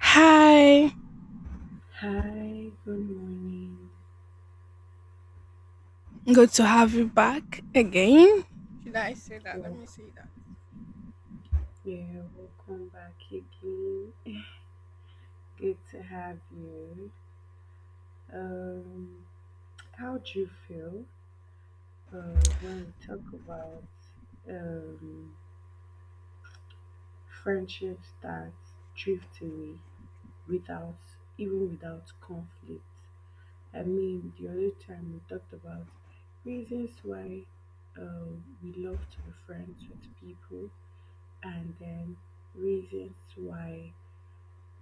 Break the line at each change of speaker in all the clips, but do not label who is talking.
Hi,
Hi, good morning.
good to have you back again. Should I say that? Let
So,
me say that.
yeah, welcome back again. Good to have you. Um, how do you feel when we talk about um, friendships that drift away without even without conflict? I mean, the other time we talked about reasons why uh, we love to be friends with people, and then reasons why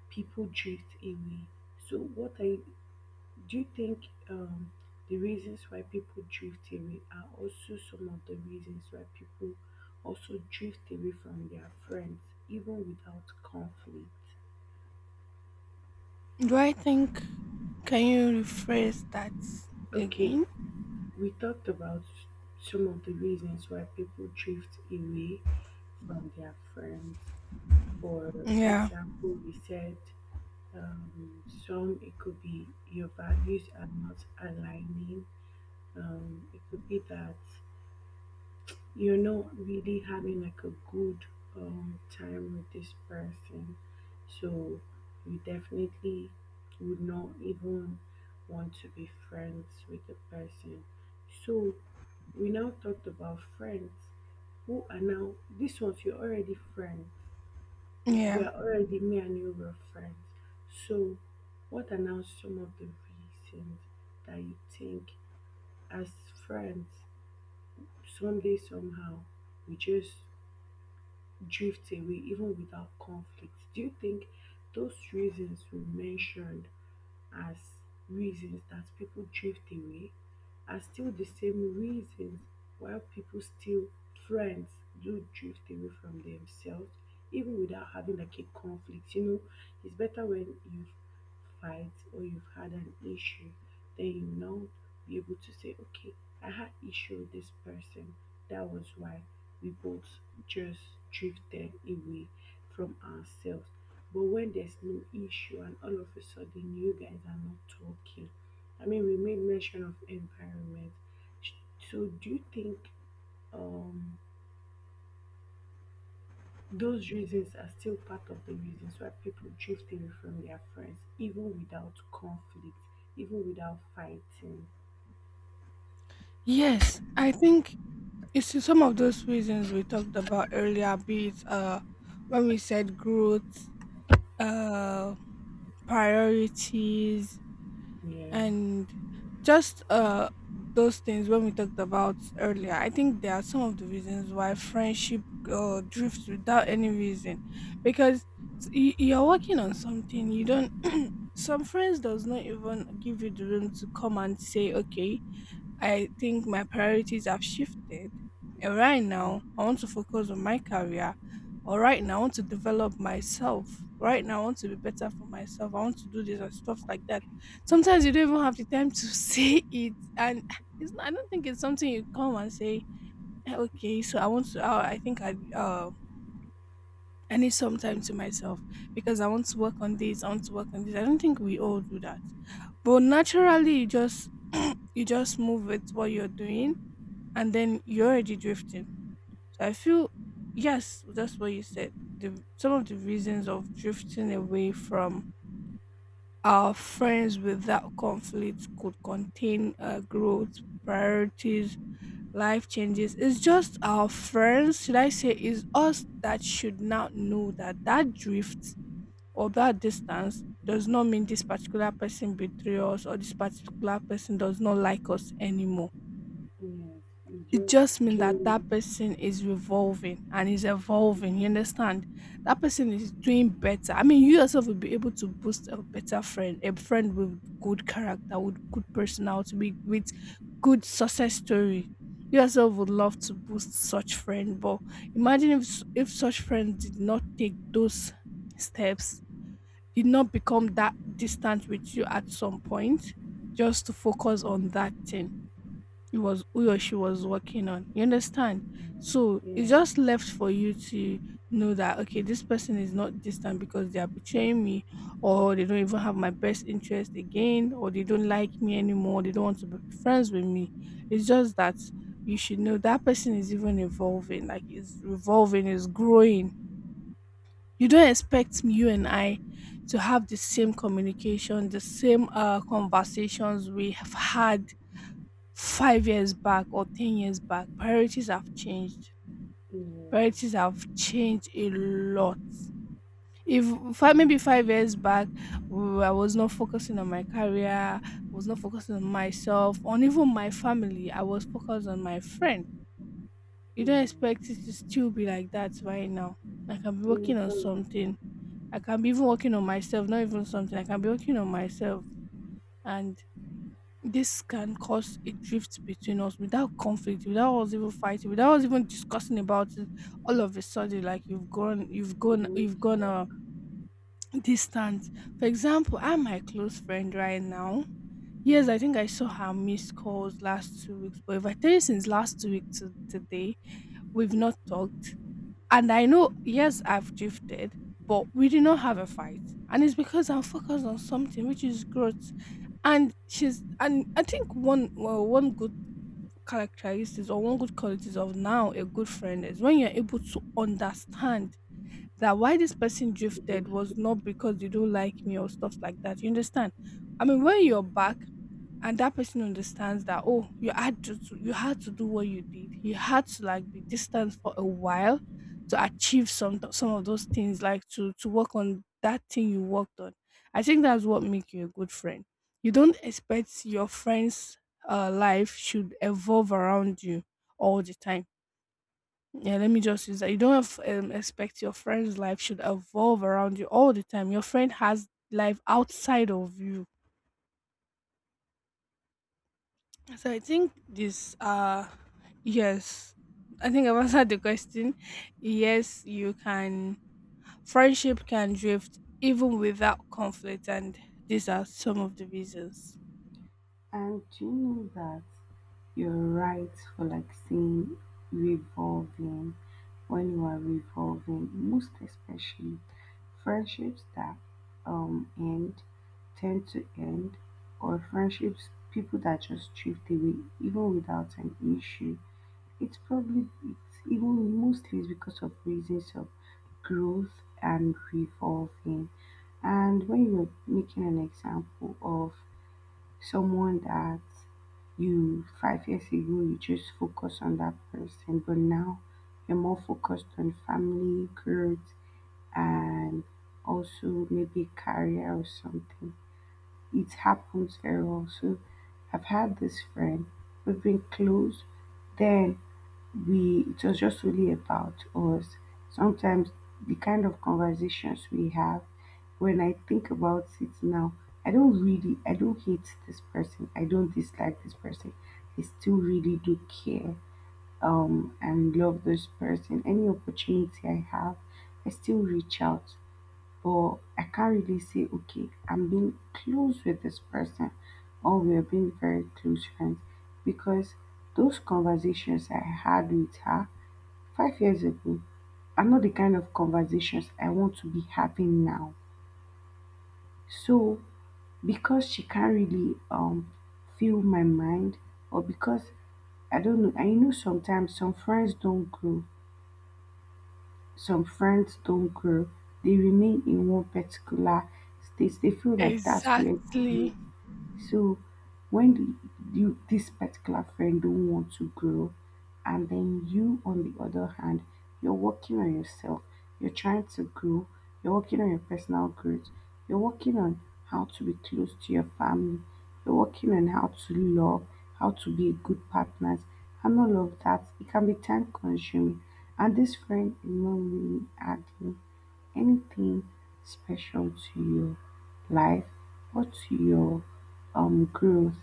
people drift away. So, what I do you think um, the reasons why people drift away are also some of the reasons why people also drift away from their friends, even without conflict?
Do I think Can you rephrase that
Okay,
again?
we talked about some of the reasons why people drift away from their friends. For
Yeah,
example, we said some it could be your values are not aligning, it could be that you're not really having like a good time with this person. So you definitely would not even want to be friends with the person. So we now talked about friends who are now these ones you're already friends. We
yeah.
are already me and you were friends. So what are now some of the reasons that you think as friends someday somehow we just drift away even without conflict? Do you think those reasons we mentioned as reasons that people drift away are still the same reasons why people still friends do drift away from themselves even without having like a conflict? It's better when you fight or you've had an issue, then you now be able to say, okay, I had issue with this person, that was why we both just drifted away from ourselves. But when there's no issue and all of a sudden you guys are not talking, I mean, we made mention of environment. So, do you think um, those reasons are still part of the reasons why people drift away from their friends, even without conflict, even without fighting?
Yes, I think it's some of those reasons we talked about earlier, be it when we said growth, uh priorities,
Yeah.
and just those things when we talked about earlier. I think there are some of the reasons why friendship drifts without any reason, because you're working on something you don't. Some friends does not even give you the room to come and say, okay, I think my priorities have shifted. And right now,
Mm.
I want to focus on my career. Or right now, I want to develop myself. Right now, I want to be better for myself. I want to do this and stuff like that. Sometimes you don't even have the time to say it, and it's, I don't think it's something you come and say, "Eh, okay, so I want to. I think I I need some time to myself because I want to work on this. I want to work on this." I don't think we all do that, but naturally, you just you just move with what you're doing, and then you're already drifting. So I feel, yes, that's what you said. The some of the reasons of drifting away from our friends without conflict could contain growth, priorities, life changes. It's just our friends, should I say, is us that should now know that that drift or that distance does not mean this particular person betray us or this particular person does not like us anymore,
Yes, you just
just mean that that
change,
person is revolving and is evolving. You
yeah,
understand? That person is doing better. I mean, you yourself will be able to boost a better friend, a friend with good character, with good personality, with good success story. You yourself would love to boost such friend, but imagine if if such friend did not take those steps, did not become that distant with you at some point, just to focus on that thing he was who or she was working on. You understand? So
yeah,
it's
yeah,
just left for you to know that, okay, this person is not distant because they are betraying me, or they don't even have my best interest again, or they don't like me anymore, they don't want to be friends with me. It's just that you should know that person is even evolving, like is revolving, is growing. You don't expect me, you and I, to have the same communication, the same conversations we have had 5 years back or 10 years back. Priorities have changed. Priorities
yeah,
have changed a lot. If 5, maybe 5 years back, I was not focusing on my career, I was not focusing on myself, on even my family. I was focused on my friend. You
yeah.
don't expect it to still be like that right now. I can be working
Then
on
some
something. I can be even working on myself, not even something. I can be working on myself. And this can cause a drift between us without conflict, without us even fighting, without us even discussing about it. All of a sudden, like you've gone, you've
you
gone, you've
don't
gone
talk,
distant. For example, I'm my close friend right now.
yeah.
Yes, I think I saw her missed calls last 2 weeks, but if I tell you, since last 2 weeks to today, we've not talked, and I know, yes, I've drifted, but we did not have a fight. And it's because I'm focused on something, which is growth. And she's, and I think one, well, one good characteristics or one good qualities of now a good friend is when you're able to understand that why this person drifted was
Relationship
not because they don't like me or stuff like that. You understand? I mean, when
with
you're
me.
back and that person understands that, oh, you had to you had to do what you did, you had to like be distant for a while to achieve some of those things, like to work on that thing you worked on. I think that's what make you a good friend. You don't expect your friend's life should evolve around you all the time. Yeah, let me just use that. You don't have, expect your friend's life should evolve around you all the time. Your friend has life outside of you. So I think this yes, I think I've answered the question. Yes, you can. Friendship can drift even without conflict, and these are some of the reasons.
And do you know that you're right for like saying revolving? When you are revolving, most especially friendships that end tend to end, or friendships people that just drift away even without an issue. It's probably it's even mostly is because of reasons of growth and revolving. And when you're making an example of someone that you 5 years ago you just focus on that person, but now you're more focused on family growth and also maybe career or something. It happens very well. So I've had this friend, we've been close, then we it was just really about us. Sometimes the kind of conversations we have, when I think about it now, I don't hate this person. I don't dislike this person. I still really do care, and love this person. Any opportunity I have, I still reach out. But I can't really say, okay, I'm being close with this person or we're being very close friends, because those conversations I had with her 5 years ago are not the kind of conversations I want to be having now. So because she can't really fill my mind, or because I don't know. I know sometimes some friends don't grow, some friends don't grow. They remain in one particular state. They feel like that's where they is.
Exactly.
So when the, you this particular friend don't want to grow, and then you on the other hand, you're working on yourself. You're trying to grow. You're working on your personal growth. You're working on how to be close to your family. You're working on how to love, how to be a good partner, and all of that. It can be time consuming, and this friend is not really adding anything special to your life or to your growth.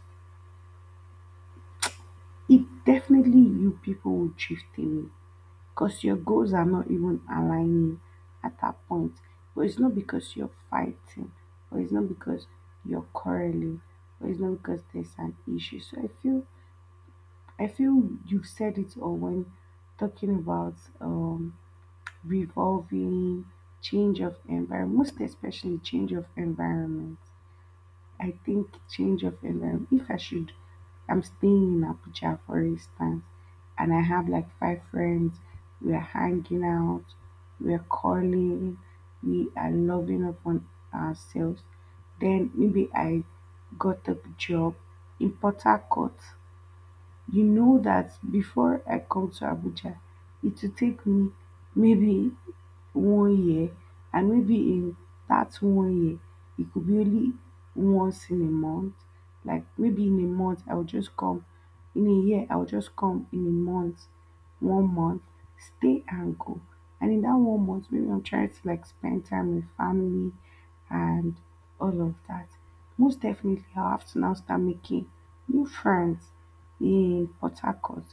It definitely you people will drift away because your goals are not even aligning at that point. But it's not because you're fighting, or it's not because you're quarreling, or it's not because there's an issue. So I feel you've said it all when talking about um, revolving, change of environment, most especially change of environment. I think change of environment. If I should, I'm staying in Abuja, for instance, and I have like five friends. We are hanging out, we are calling, we are loving up on ourselves. Then maybe I got a job in Port Harcourt. You know that before I come to Abuja, it will take me maybe one year, and maybe in that one year it could be only once in a month. Like maybe in a month I'll just come, in a year I'll just come in a month, one month, stay and go. And in that one month maybe I'm trying to like spend time with family and all of that. Most definitely I'll have to now start making new friends in Port Harcourt,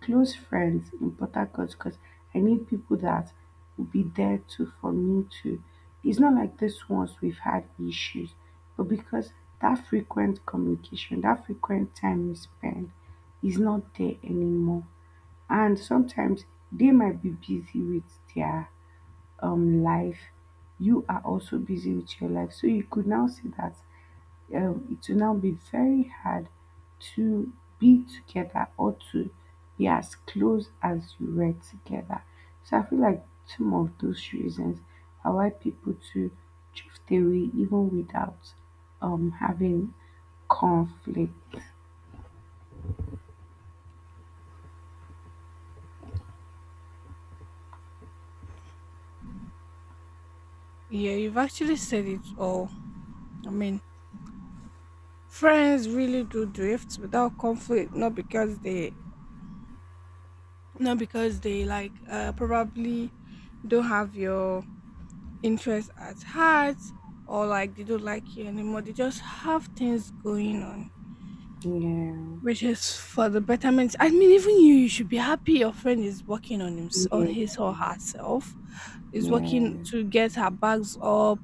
close friends in Port Harcourt, because I need people that would be there too for me too. It's not like this once we've had issues, but because that frequent communication, that frequent time we spend is not there anymore. And sometimes they might be busy with their life. You are also busy with your life. So you could now see that it will now be very hard to be together or to be as close as you were together. So I feel like some of those reasons are why people to drift away even without having conflict.
Yeah, you've actually said it all. I mean, friends really do drift without conflict, not not because they like probably don't have your interest at heart, or like they don't like you anymore. They just have things going on.
Yeah,
Which is for the betterment. I mean, even you, you should be happy your friend is working on him, on
yeah,
his or herself, is working
yeah.
to get her bags up,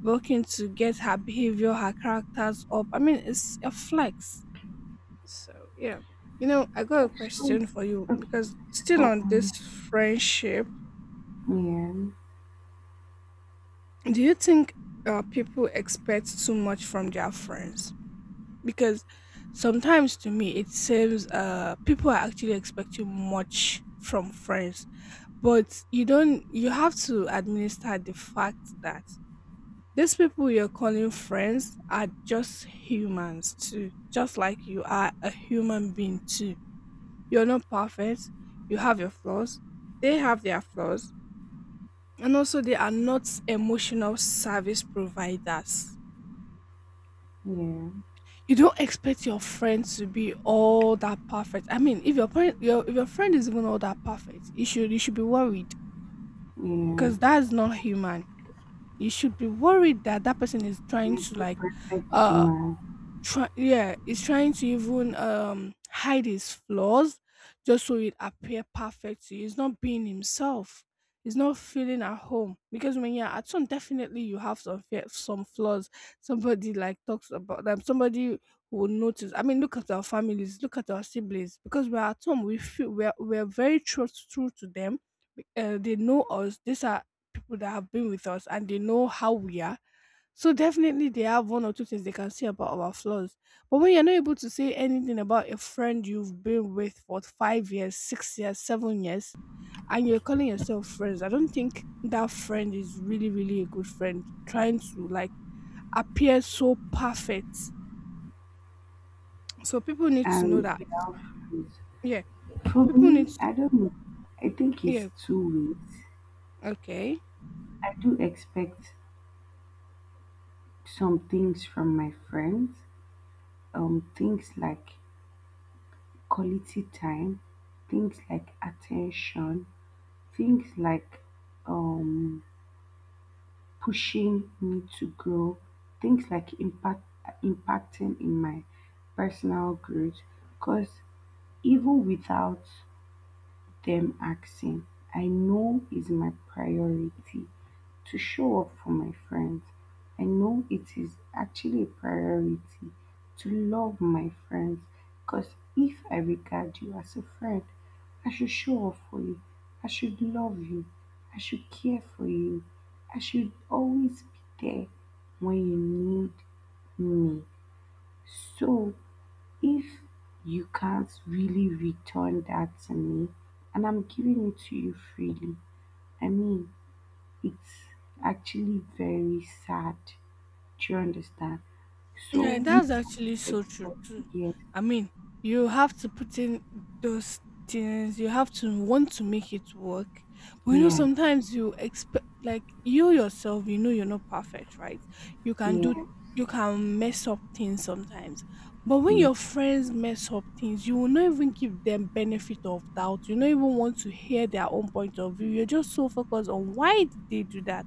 working to get her behavior, her characters up. I mean, it's a flex. So yeah, you know, I got a
So
question for you
okay,
because
let's
still
go
on this
on.
friendship,
Yeah,
do you think people expect too much from their friends? Because sometimes to me it seems people are actually expecting much from friends, but you don't, you have to administer the fact that these people you're calling friends are just humans too, just like you are a human being too. You're not perfect. You have your flaws. They have their flaws. And also they are not emotional service providers.
yeah,
You don't expect your friend to be all that perfect. I mean, if your parent, your if your friend is even all that perfect, you should, you should be worried
yeah.
because that's not human. You should be worried that that person is trying
Let's
to
go
like,
perfect
uh,
human
try, yeah, he's trying to even hide his flaws just so it appear perfect to you. He's not being himself. He's not feeling at home, because when you're at home, definitely you have some fear, some flaws somebody like talks about them, somebody will notice. I mean, look at our families, look at our siblings. Because we're at home, we feel we're very true to them. They know us. These are people that have been with us, and they know how we are. So definitely they have one or two things they can say about our flaws. But when you're not able to say anything about a friend you've been with for 5 years, 6 years, 7 years, and you're calling yourself friends, I don't think that friend is really, really a good friend. Trying to like appear so perfect. So people need to know
and
that.
without friends.
Yeah.
For
People need
me,
to,
I don't know. I think it's
yeah,
two ways.
okay.
I do expect some things from my friends, things like quality time, things like attention, things like um, pushing me to grow, things like impacting in my personal growth. Because even without them asking, I know is my priority to show up for my friends. I know it is actually a priority to love my friends, because if I regard you as a friend, I should show up for you. I should love you. I should care for you. I should always be there when you need me. So if you can't really return that to me, and I'm giving it to you freely, I mean, it's actually very sad. Do you understand? So
Yeah,
we
that's actually so true
expect,
too.
yes,
I mean, you have to put in those things. You have to want to make it work. But you know,
yeah,
sometimes you expect, like you yourself, you know, you're not perfect, right? You can do,
yeah,
you can mess up things sometimes. But when
yeah,
your friends mess up things, you will not even give them benefit of doubt. You don't even want to hear their own point of view. You're just so focused on why did they do that,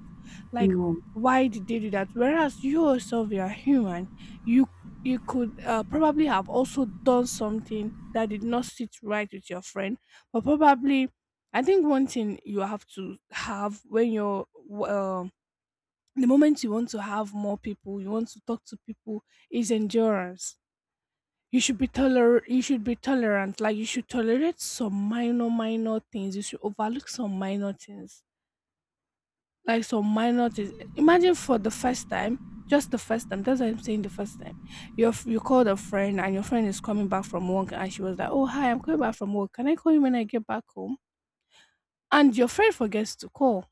like.
no,
Why did they do that? Whereas you yourself, you are human. you you could probably have also done something that did not sit right with your friend. But probably, I think one thing you have to have when you're uh, the moment you want to have more people, you want to talk to people, is endurance. You should be toler you should be tolerant. Like you should tolerate some minor minor things. You should overlook some minor things, like some minor things. Imagine for the first time, just the first time. That's what I'm saying. The first time, you you called a friend and your friend is coming back from work and she was like, "Oh hi, I'm coming back from work. Can I call you when I get back home?" And your friend forgets to call.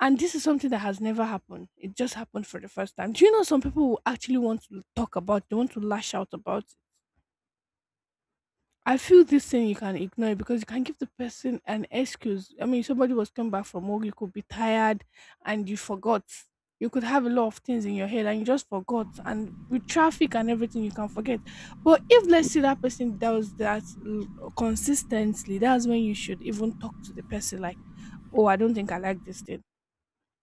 And this is something that has never happened. It just happened for the first time. Do you know some people will actually want to talk about? They want to lash out about, I feel this thing you can ignore it because you can give the person an excuse. I mean, somebody was coming back from work, you could be tired and you forgot. You could have a lot of things in your head and you just forgot. And with traffic and everything, you can forget. But if let's say that person does that consistently, that's when you should even talk to the person like, oh, I don't think I like this thing.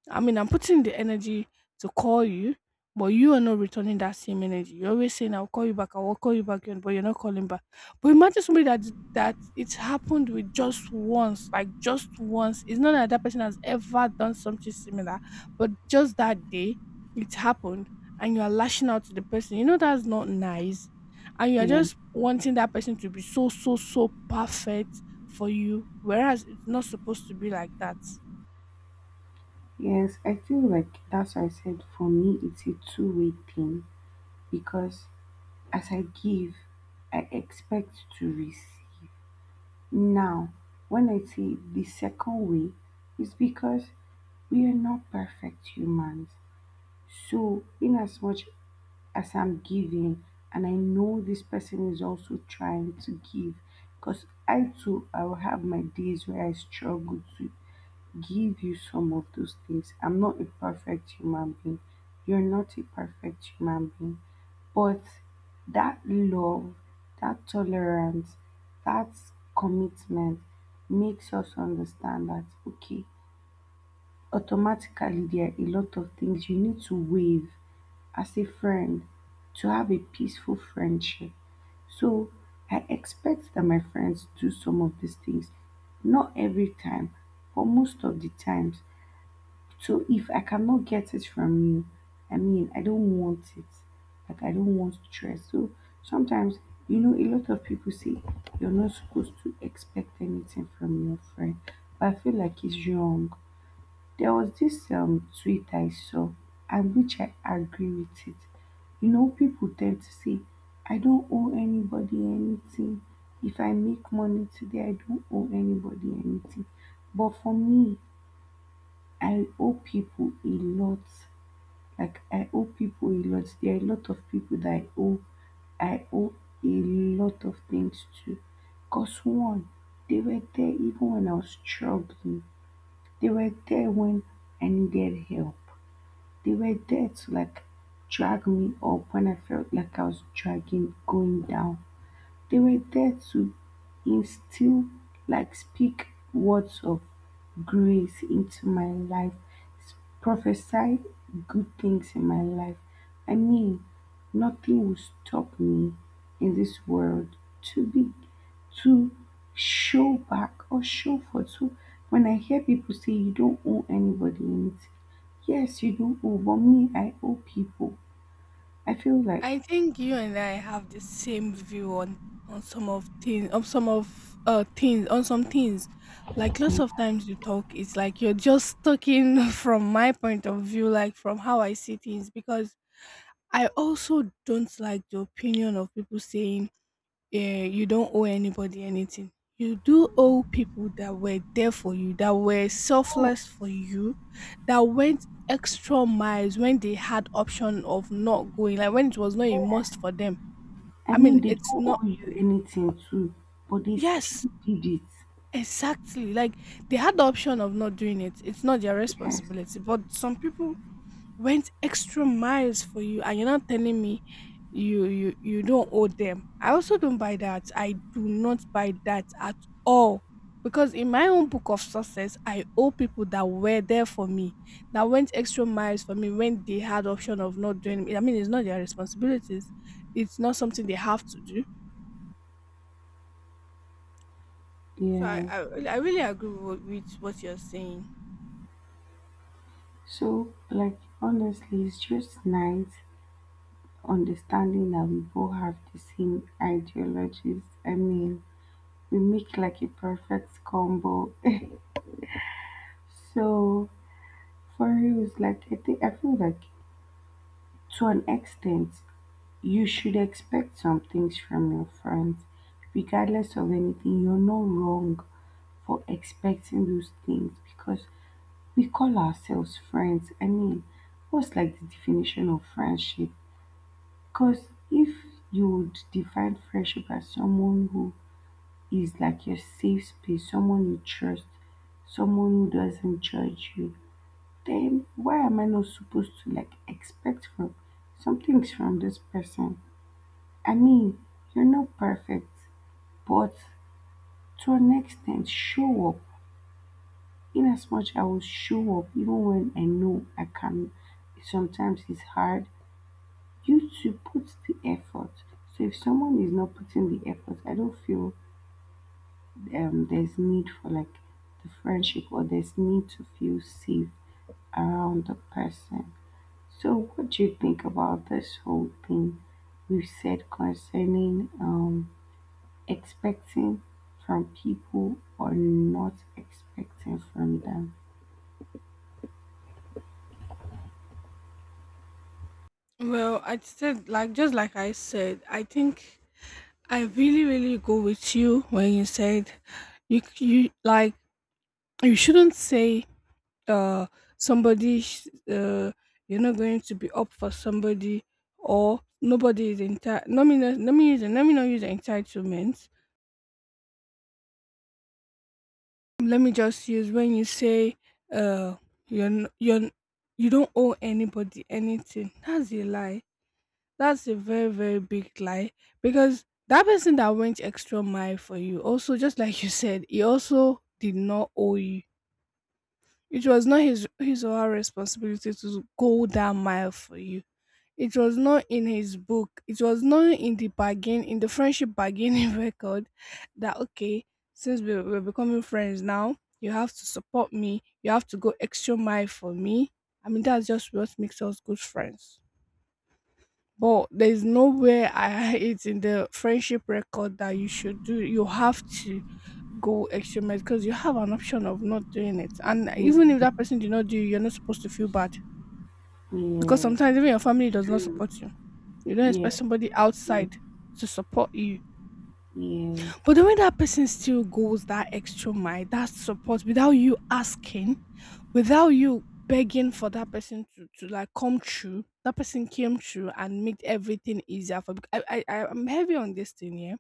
I mean, I'm putting the energy to call you, but you are not returning that same energy. You're always saying, I'll call you back, I will call you back, but you're not calling back. But imagine somebody that it's happened with just once, like just once. It's not that that person has ever done something similar, but just that day it happened, and you are lashing out to the person. You know, that's not nice. And you are
yeah,
just wanting that person to be so, so, so perfect for you, whereas it's not supposed to be like that.
yes. I feel like that's why I said for me it's a two-way thing, because as I give, I expect to receive. Now, when I say the second way, it's because we are not perfect humans. So, in as much as I'm giving and I know this person is also trying to give, because I will have my days where I struggle to give you some of those things. I'm not a perfect human being. You're not a perfect human being. But that love, that tolerance, that commitment makes us understand that okay, automatically there are a lot of things you need to waive as a friend to have a peaceful friendship. So I expect that my friends do some of these things, not every time, but most of the times. So if I cannot get it from you, I mean, I don't want it. Like I don't want stress. So sometimes, you know, a lot of people say you're not supposed to expect anything from your friend, but I feel like it's wrong. There was this tweet I saw and which I agree with it. You know, people tend to say, I don't owe anybody anything. If I make money today, I don't owe anybody anything. But for me, I owe people a lot. Like I owe people a lot. There are a lot of people that I owe. I owe a lot of things to. Cause one, they were there even when I was struggling. They were there when I needed help. They were there to like drag me up when I felt like I was dragging going down. They were there to instill, like, speak words of grace into my life, prophesy good things in my life. I mean, nothing will stop me in this world to be to show back or show forth. So when I hear people say you don't owe anybody anything, yes, you do owe, but me, I owe people. I feel like,
I think you and I have the same view on some of things, on some of things, on some things. Like lots of
I
times you talk, it's like you're just talking from my point of view, like from how I see things, because I also don't like the opinion of people saying eh, you don't owe anybody anything. You do owe people that were there for you, that were selfless for you, that went extra miles when they had option of not going, like when it was not a must for them. I mean,
mean, they
it's
don't
not.
owe you anything too, but they still
Yes,
did it.
exactly. Like they had the option of not doing it. It's not their
Yes,
responsibility. But some people went extra miles for you and you're not telling me you don't owe them. I also don't buy that. I do not buy that at all, because in my own book of success I owe people that were there for me, that went extra miles for me when they had option of not doing it. I mean, it's not their responsibilities, it's not something they have to do. So i
yeah.
i, really- I really agree with what you're saying.
So, like, honestly, it's just nice understanding that we both have the same ideologies. I mean, we make like a perfect combo. So, for you, it's like, I think, I feel like to an extent, you should expect some things from your friends, regardless of anything. You're not wrong for expecting those things because we call ourselves friends. I mean, what's like the definition of friendship? Because if you would define friendship as someone who is like your safe space, someone you trust, someone who doesn't judge you, then why am I not supposed to like expect from some things from this person? I mean, you're not perfect, but to an extent, show up. In as much I will show up even when I know I can. Sometimes it's hard. You to put the effort. So if someone is not putting the effort, I don't feel there's need for like the friendship or there's need to feel safe around the person. So what do you think about this whole thing we've said concerning um expecting from people or not expecting from them?
Well, I said like just like I said, I think I really, really go with you when you said you like you shouldn't say uh somebody you're not going to be up for somebody or nobody is entitled. Let me not, let me use let me not use entitlement. Let me just use when you say uh you're n- you're n- you don't owe anybody anything. That's a lie. That's a very, very big lie because that person that went extra mile for you, also, just like you said, he also did not owe you. It was not his or her responsibility to go that mile for you. It was not in his book. It was not in the bargain, in the friendship bargaining record that, okay, since we're becoming friends now, you have to support me. You have to go extra mile for me. I mean, that's just what makes us good friends. But there's nowhere I it's in the friendship record that you should do you have to go extra mile because you have an option of not doing it. And even if that person did not do it, you're not supposed to feel bad. Because
Yes,
sometimes even your family does not
yes,
support you. You don't
yes,
expect somebody outside to support you. But the way that person still goes that extra mile, that support without you asking, without you begging for that person to like come true, that person came true and made everything easier for. I'm heavy on this thing here.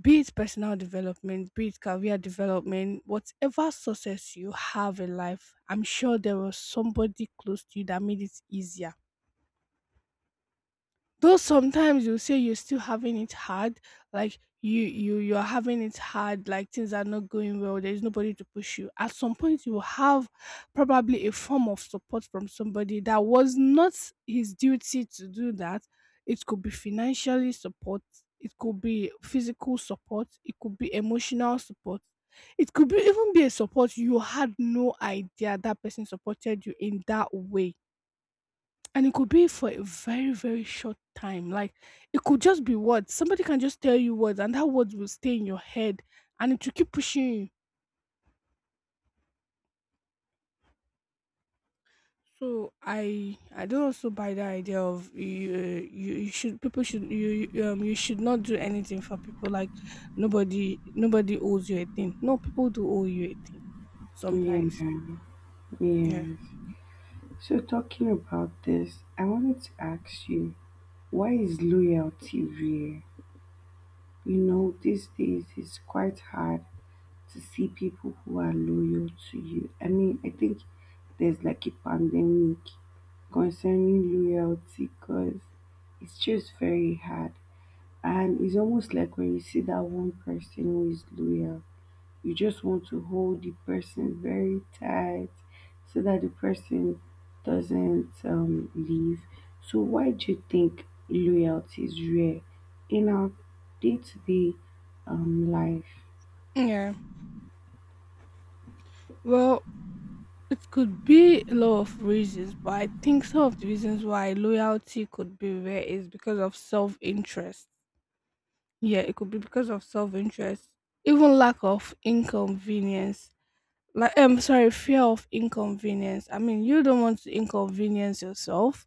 Be it personal development, be it career development, whatever success you have in life, I'm sure there was somebody close to you that made it easier. Though sometimes you say you're still having it hard, like you're having it hard, like things are not going well, there's nobody to push you. At some point you will have probably a form of support from somebody that was not his duty to do that. It could be financially support, it could be physical support, it could be emotional support. It could be even be a support you had no idea that person supported you in that way, and it could be for a very, very short time. Like it could just be words. Somebody can just tell you words and that words will stay in your head and it will keep pushing you. So I don't also buy the idea of you you, you should people should you should not do anything for people like nobody owes you a thing. No, people do owe you a thing
yeah,
sometimes. Yeah.
yes. So, talking about this, I wanted to ask you, why is loyalty rare? You know, these days it's quite hard to see people who are loyal to you. I mean, I think there's like a pandemic concerning loyalty because it's just very hard. And it's almost like when you see that one person who is loyal, you just want to hold the person very tight so that the person doesn't leave. So, why do you think loyalty is rare in our day to day life?
Yeah. Well, it could be a lot of reasons, but I think some of the reasons why loyalty could be rare is because of self interest. Yeah, it could be because of self interest, even lack of inconvenience. Like, I'm sorry, fear of inconvenience. I mean, you don't want to inconvenience yourself.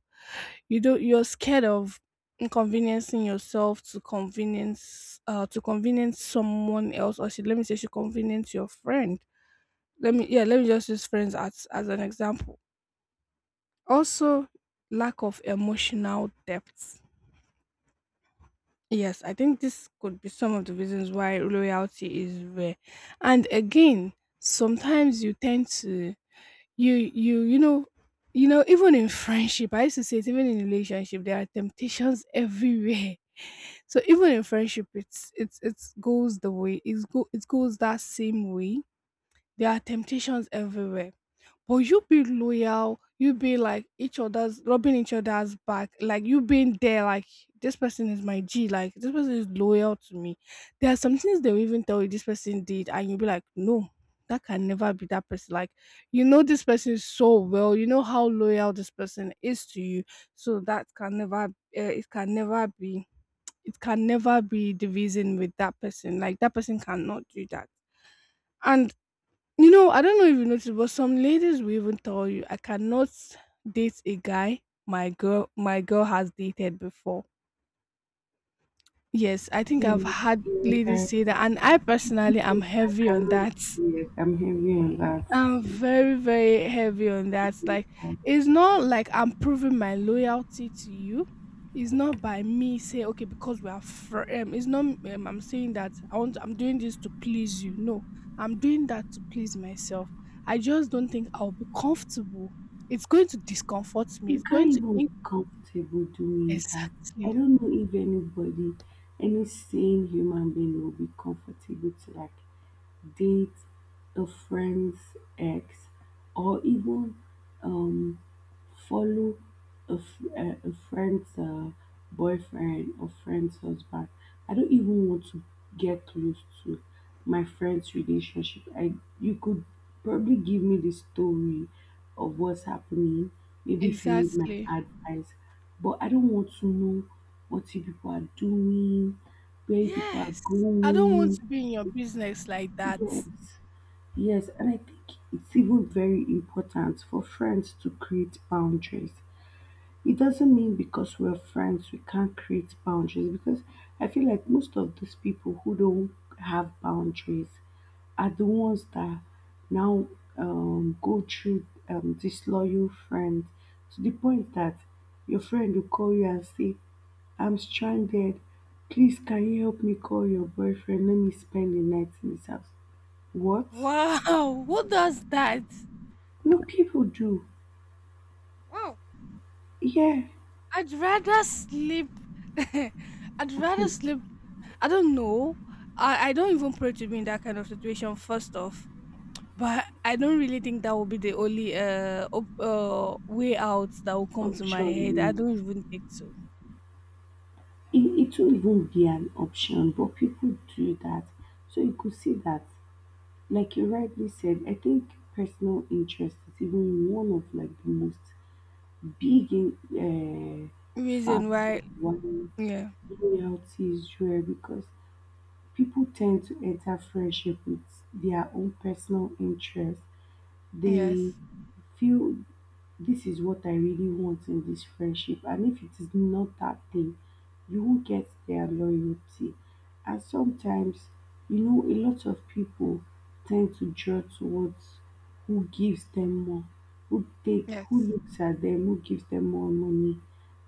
You don't. You're scared of inconveniencing yourself to convenience someone else, or should let me say, should convenience your friend. Let me, yeah, let me just use friends as an example. Also, lack of emotional depth. Yes, I think this could be some of the reasons why loyalty is rare. And again, sometimes you tend to you you you know you know even in friendship I used to say it, even in relationship there are temptations everywhere. So even in friendship it's it goes the way it goes that same way. There are temptations everywhere, but you be loyal, you be like each other's rubbing each other's back, like you being there, like this person is my g, like this person is loyal to me. There are some things they will even tell you this person did and you'll be like no, that can never be that person. Like you know this person so well, you know how loyal this person is to you. So that can never it can never be, it can never be division with that person. Like that person cannot do that. And you know, I don't know if you noticed, but some ladies will even tell you, I cannot date a guy my girl has dated before. Yes, I think I've
Yes,
had
you're
ladies
right.
say that and I personally am
Yes, I
heavy on
can.
that.
Yes, I'm hearing you and
I'm very, very heavy on that. Like,
last.
it's not like I'm proving my loyalty to you. It's not by me saying, okay, because we are It's not I'm saying that I want. I'm doing this to please you. No, I'm doing that to please myself. I just don't think I'll be comfortable. It's going to discomfort me.
You
It's going
can't
to
even be comfortable doing that. I
exactly,
don't know if anybody, any sane human being will be comfortable to like date a friend's ex, or even follow a, a friend's boyfriend or friend's husband. I don't even want to get close to my friend's relationship. I you could probably give me the story of what's happening. Maybe if you need my
exactly.
advice, but I don't want to know what you people are doing, where you people are
Yes, I don't want
going.
to be in your business like that.
Yes, yes, and I think it's even very important for friends to create boundaries. It doesn't mean because we're friends we can't create boundaries, because I feel like most of these people who don't have boundaries are the ones that now go through disloyal friends, to the point that your friend will call you and say, I'm stranded. Please, can you help me call your boyfriend? Let me spend the night in his house. What?
Wow, what does that?
No, people do.
Wow.
Yeah,
I'd rather sleep. I'd rather sleep. I don't know. I don't even pray to be in that kind of situation, first off. But I don't really think that will be the only way out that will come to my head. I
option.
don't even think so.
It won't even be an option, but people do that. So you could see that, like you rightly said, I think personal interest is even one of like the most big in, uh,
Reason
factor
why?
why
Yeah.
loyalty is rare, because people tend to enter friendship with their own personal interest. They
Yes.
feel, this is what I really want in this friendship. And if it is not that thing, you won't get their loyalty. And sometimes, you know, a lot of people tend to draw towards who gives them more, who take, who
Yes.
looks at them, who gives them more money.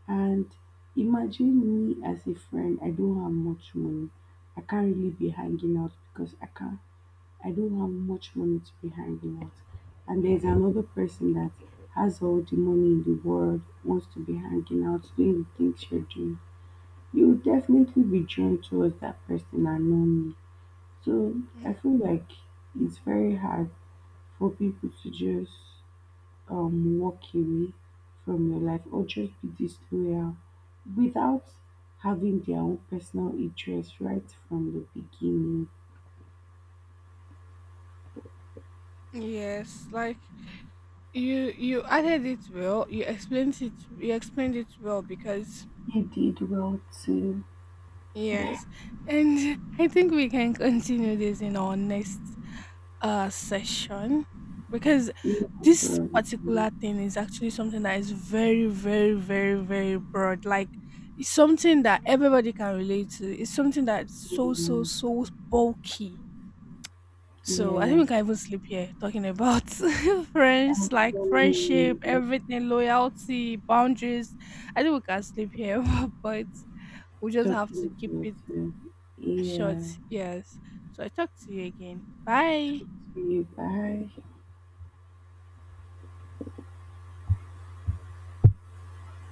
And imagine me as a friend, I don't have much money. I can't really be hanging out because I can't I don't have much money to be hanging out. And there's another person that has all the money in the world, wants to be hanging out, doing the things you're doing. You will definitely be drawn towards that person and not me. So I
Yeah.
feel like it's very hard for people to just walk away from your life or just be disloyal without having their own personal interest right from the beginning.
Yes. Like you added it well. You explained it. You explained it well because
They did well to.
yes, and I think we can continue this in our next session, because this particular thing
Amen.
is actually something that is very, very, very, very broad. Like it's something that everybody can relate to. It's something that's so, so,
Amen.
so bulky. So I think
Yeah.
we can even sleep here talking about friends, like friendship,
Absolutely.
everything, loyalty, boundaries. I think we can sleep here, but we just have to
Talking
keep it
about you. Yeah.
short. Yes. So I talk to you again. Bye.
See you. Bye.